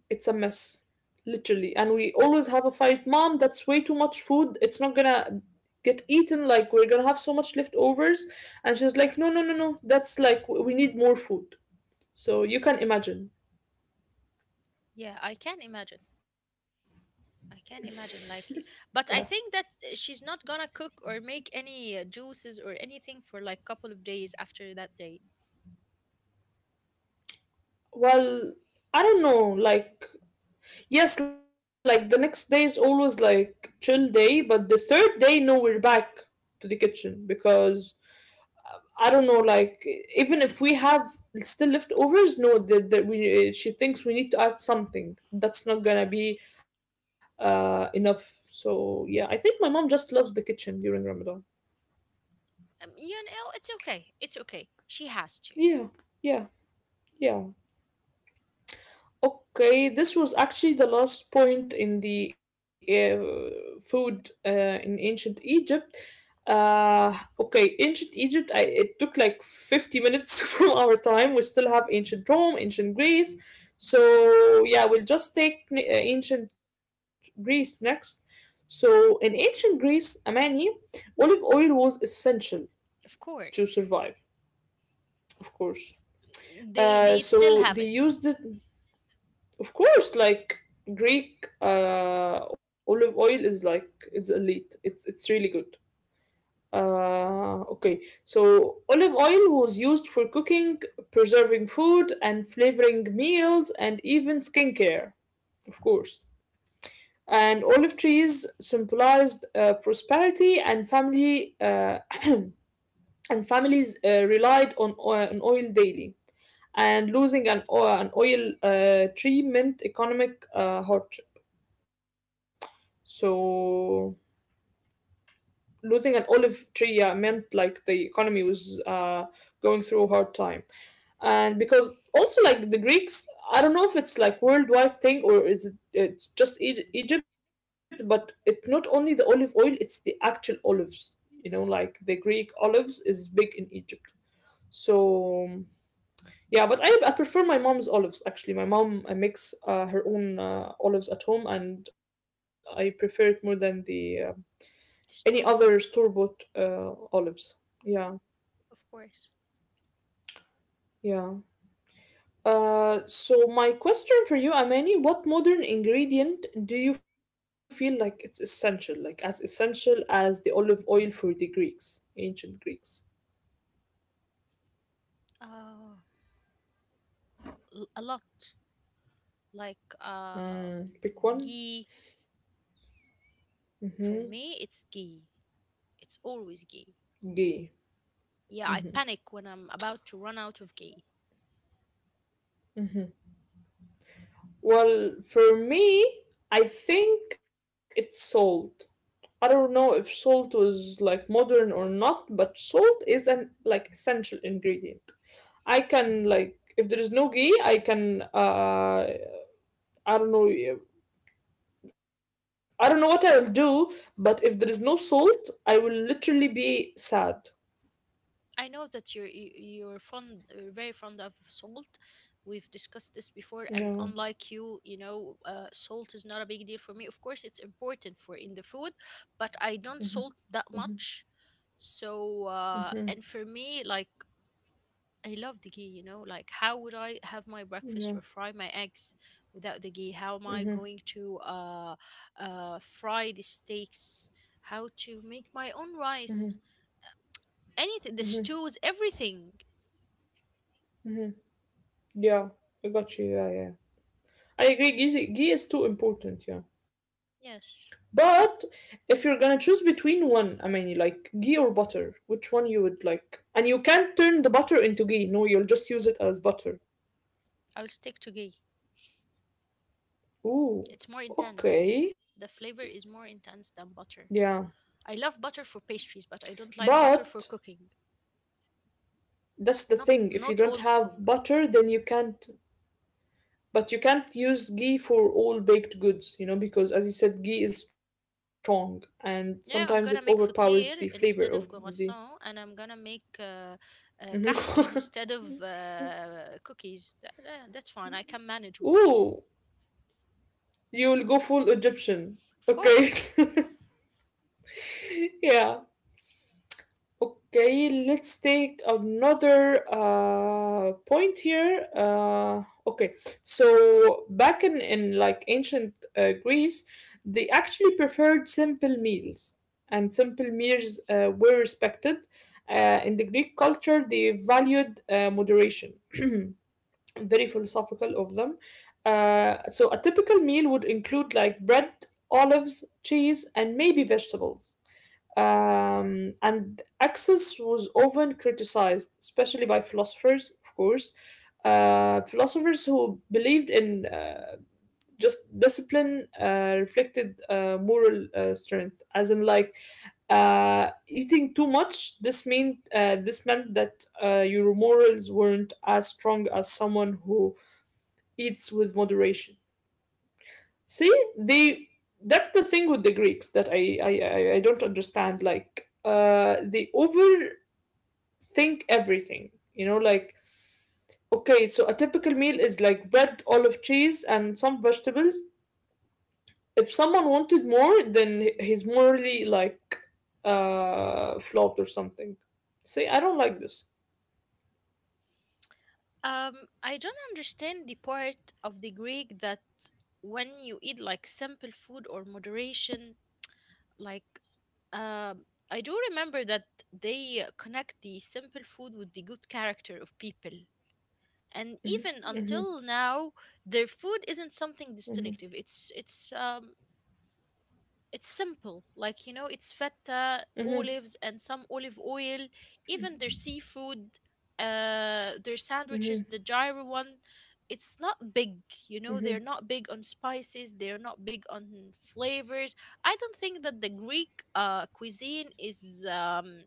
A: It's a mess. Literally. And we always have a fight. Mom, that's way too much food. It's not gonna get eaten. Like, we're gonna have so much leftovers. And she's like, no, no, no, no. That's like, we need more food. So you can imagine.
B: Yeah, I can imagine. I can imagine, like,
A: Yeah.
B: but I think that she's not gonna cook or make any juices or anything for like couple of days after that day.
A: Well, I don't know. Like, yes, like the next day is always like chill day. But the third day, no, we're back to the kitchen because I don't know, like even if we have still leftovers, no, she thinks we need to add something. That's not gonna be enough. So yeah, I think my mom just loves the kitchen during Ramadan.
B: You know, it's okay, it's okay, she has to.
A: Yeah, yeah, yeah. Okay, this was actually the last point in the food in ancient Egypt. Uh, okay, ancient Egypt, it took like 50 minutes (laughs) from our time. We still have ancient Rome, ancient Greece. So yeah, we'll just take ancient Greece next. So in ancient Greece, Amani, olive oil was essential
B: Of
A: to
B: course,
A: survive, of course.
B: they still
A: So
B: have
A: they
B: it.
A: used it. Of course, like Greek olive oil is like it's elite. It's really good. Okay, so olive oil was used for cooking, preserving food, and flavoring meals, and even skincare, of course. And olive trees symbolized prosperity, and family (clears throat) and families relied on, on oil daily. And losing an oil tree meant economic hardship. So losing an olive tree, yeah, meant like the economy was going through a hard time. And because also like the Greeks, I don't know if it's like worldwide thing or is it it's just Egypt, but it's not only the olive oil, it's the actual olives, you know, like the Greek olives is big in Egypt. So yeah, but I prefer my mom's olives. Actually, my mom makes her own olives at home, and I prefer it more than the any other
B: Store bought,
A: store-bought olives. Yeah,
B: of course.
A: yeah. So my question for you, Amani, what modern ingredient do you feel like it's essential, like as essential as the olive oil for the Greeks, ancient Greeks?
B: uh a lot, like, um
A: Mm, pick one.
B: ghee. For
A: Mm-hmm.
B: me, it's ghee. It's always ghee.
A: D.
B: Yeah, I panic when I'm about to run out of ghee.
A: Well, for me, I think it's salt. I don't know if salt was like modern or not, but salt is an like essential ingredient. I can like if there is no ghee, I can I don't know I don't know what I'll do, but if there is no salt, I will literally be sad.
B: I know that you're you're fond, very fond of salt. We've discussed this before, and
A: No,
B: unlike you, you know, salt is not a big deal for me. Of course, it's important for in the food, but I don't salt that much. So, and for me, like, I love the ghee. You know, like, how would I have my breakfast or
A: no.
B: fry my eggs without the ghee? How am I
A: Mm-hmm.
B: going to fry the steaks? How to make my own rice? Anything, the stews, everything.
A: Yeah, I got you. Yeah, yeah. I agree. Ghee, ghee is too important. Yeah,
B: Yes,
A: but if you're gonna choose between one, I mean, like ghee or butter, which one you would like? And you can't turn the butter into ghee. No, you'll just use it as butter.
B: I'll stick to ghee.
A: Ooh.
B: It's more intense.
A: Okay.
B: The flavor is more intense than
A: Yeah.
B: butter. I love butter for pastries, but I don't like
A: But
B: butter for cooking.
A: that's the
B: Not
A: thing. If you
B: not
A: don't
B: all
A: have
B: cooking.
A: butter, then you can't. But you can't use ghee for all baked goods, you know, because as you said, ghee is strong and sometimes it
B: Yeah, I'm gonna
A: overpowers
B: make
A: the flavor
B: fatir
A: of
B: instead
A: the.
B: of croissant, and I'm gonna make
A: Mhm.
B: kahk instead of cookies. That's fine. I can manage
A: (laughs)
B: with ghee,
A: Ooh, you'll go full Egyptian.
B: of course.
A: Okay. (laughs) yeah. Okay, let's take another point here. Okay, so back in like ancient Greece, they actually preferred simple meals, and simple meals were respected. In the Greek culture, they valued moderation, (clears throat) very philosophical of them. So a typical meal would include like bread, olives, cheese, and maybe vegetables, and access was often criticized, especially by philosophers, of course, philosophers who believed in just discipline reflected moral strength, as in like eating too much. This meant that your morals weren't as strong as someone who eats with moderation. See, they that's the thing with the Greeks that I don't understand. Like they overthink everything. You know, like okay, so a typical meal is like bread, olive, cheese, and some vegetables. If someone wanted more, then he's morally like flawed or something. See, I don't like this.
B: I don't understand the part of the Greek that when you eat like simple food or moderation, like, um, I do remember that they connect the simple food with the good character of people. And even
A: Mm-hmm,
B: until now, their food isn't something
A: mm-hmm,
B: distinctive. It's it's simple, like, you know, it's feta,
A: mm-hmm,
B: olives, and some olive oil. Even their seafood, their
A: mm-hmm,
B: sandwiches, the gyro one, it's not big. You know,
A: hmm.
B: they're not big on spices. They're not big on flavors. I don't think that the Greek cuisine is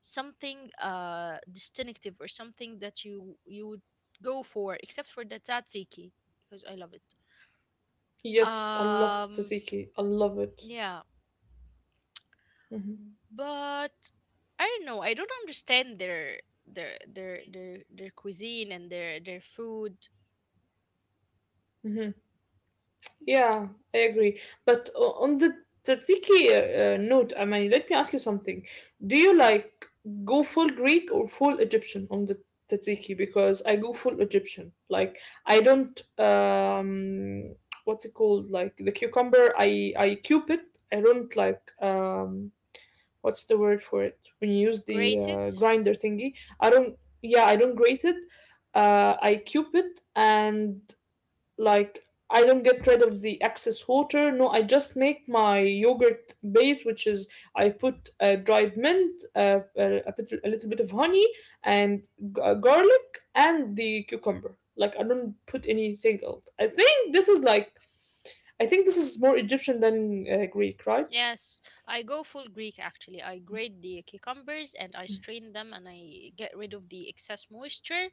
B: something distinctive or something that you would go for, except for the tzatziki because I love it.
A: Yes, I love
B: Um,
A: tzatziki. I love it.
B: yeah.
A: Mm-hmm.
B: But I don't know. I don't understand their cuisine and their food.
A: Mm-hmm. Yeah, I agree. But on the tzatziki note, I mean, let me ask you something. Do you like go full Greek or full Egyptian on the tzatziki? Because I go full Egyptian. Like I don't what's it called? Like the cucumber, I cube it. I don't like what's the word for it when you use the
B: Grate it.
A: grinder thingy. I don't. Yeah, I don't grate it. I cube it and like I don't get rid of the excess water. No, I just make my yogurt base, which is I put dried mint, a bit, a little bit of honey, and garlic, and the cucumber. Like I don't put anything else. I think this is like I think this is more Egyptian than Greek, right?
B: Yes, I go full Greek, actually. I grate the cucumbers and I strain them and I get rid of the excess moisture.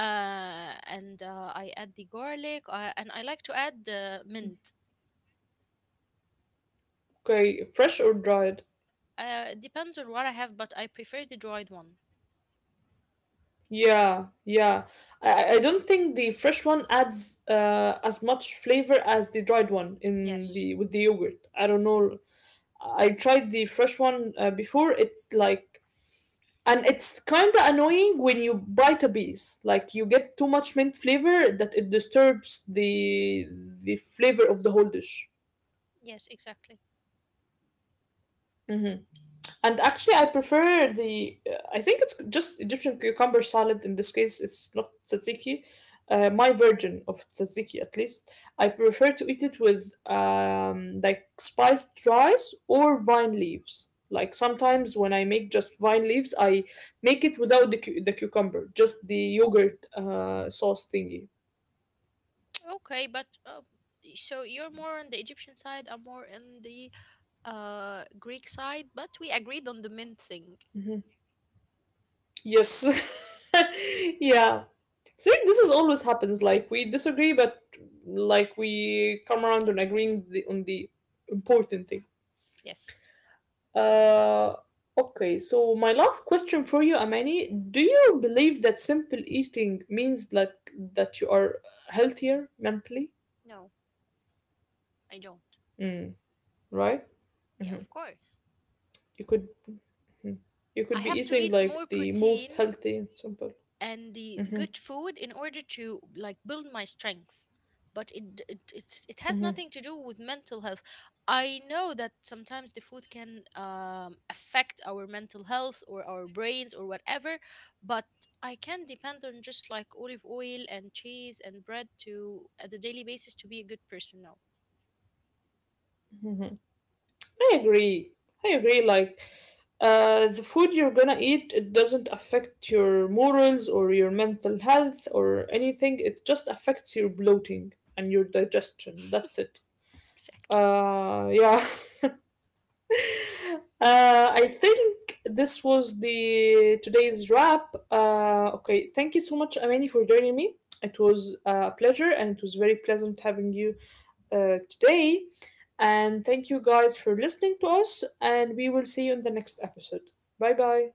B: And I add the garlic and I like to add mint.
A: Okay, fresh or dried?
B: It depends on what I have, but I prefer the dried one.
A: Yeah, yeah. I don't think the fresh one adds as much flavor as the dried one in
B: Yes.
A: the with the yogurt. I don't
B: Yeah.
A: know. I tried the fresh one before. It's like, and it's kind of annoying when you bite a piece. Like you get too much mint flavor that it disturbs the flavor of the whole dish.
B: Yes, exactly.
A: And actually, I prefer the. I think it's just Egyptian cucumber salad. In this case, it's not tzatziki. My version of tzatziki, at least, I prefer to eat it with like spiced rice or vine leaves. Like sometimes when I make just vine leaves, I make it without the cucumber, just the yogurt sauce thingy.
B: Okay, but so you're more on the Egyptian side, I'm more on the Greek side, but we agreed on the mint thing.
A: Mm-hmm. Yes. (laughs) Yeah. See, this is always happens. Like we disagree, but like we come around on agreeing on the important thing.
B: Yes.
A: Uh, okay. So my last question for you, Amani, do you believe that simple eating means that you are healthier mentally?
B: No, I don't.
A: Right.
B: Yeah, of course.
A: You could you could be
B: I have to
A: eating
B: eat
A: like
B: more
A: the most
B: protein
A: healthy and simple.
B: and the good food in order to like build my strength, but it it has nothing to do with mental health. I know that sometimes the food can affect our mental health or our brains or whatever, but I can depend on just like olive oil and cheese and bread to at a daily basis to be a good person now.
A: I agree. I agree. Like, the food you're gonna eat, it doesn't affect your morals or your mental health or anything. It just affects your bloating and your digestion. That's it.
B: (laughs) Exactly.
A: Yeah. (laughs) I think this was the today's wrap. Okay. Thank you so much, Amani, for joining me. It was a pleasure and it was very pleasant having you today. And thank you guys for listening to us, and we will see you in the next episode. Bye bye.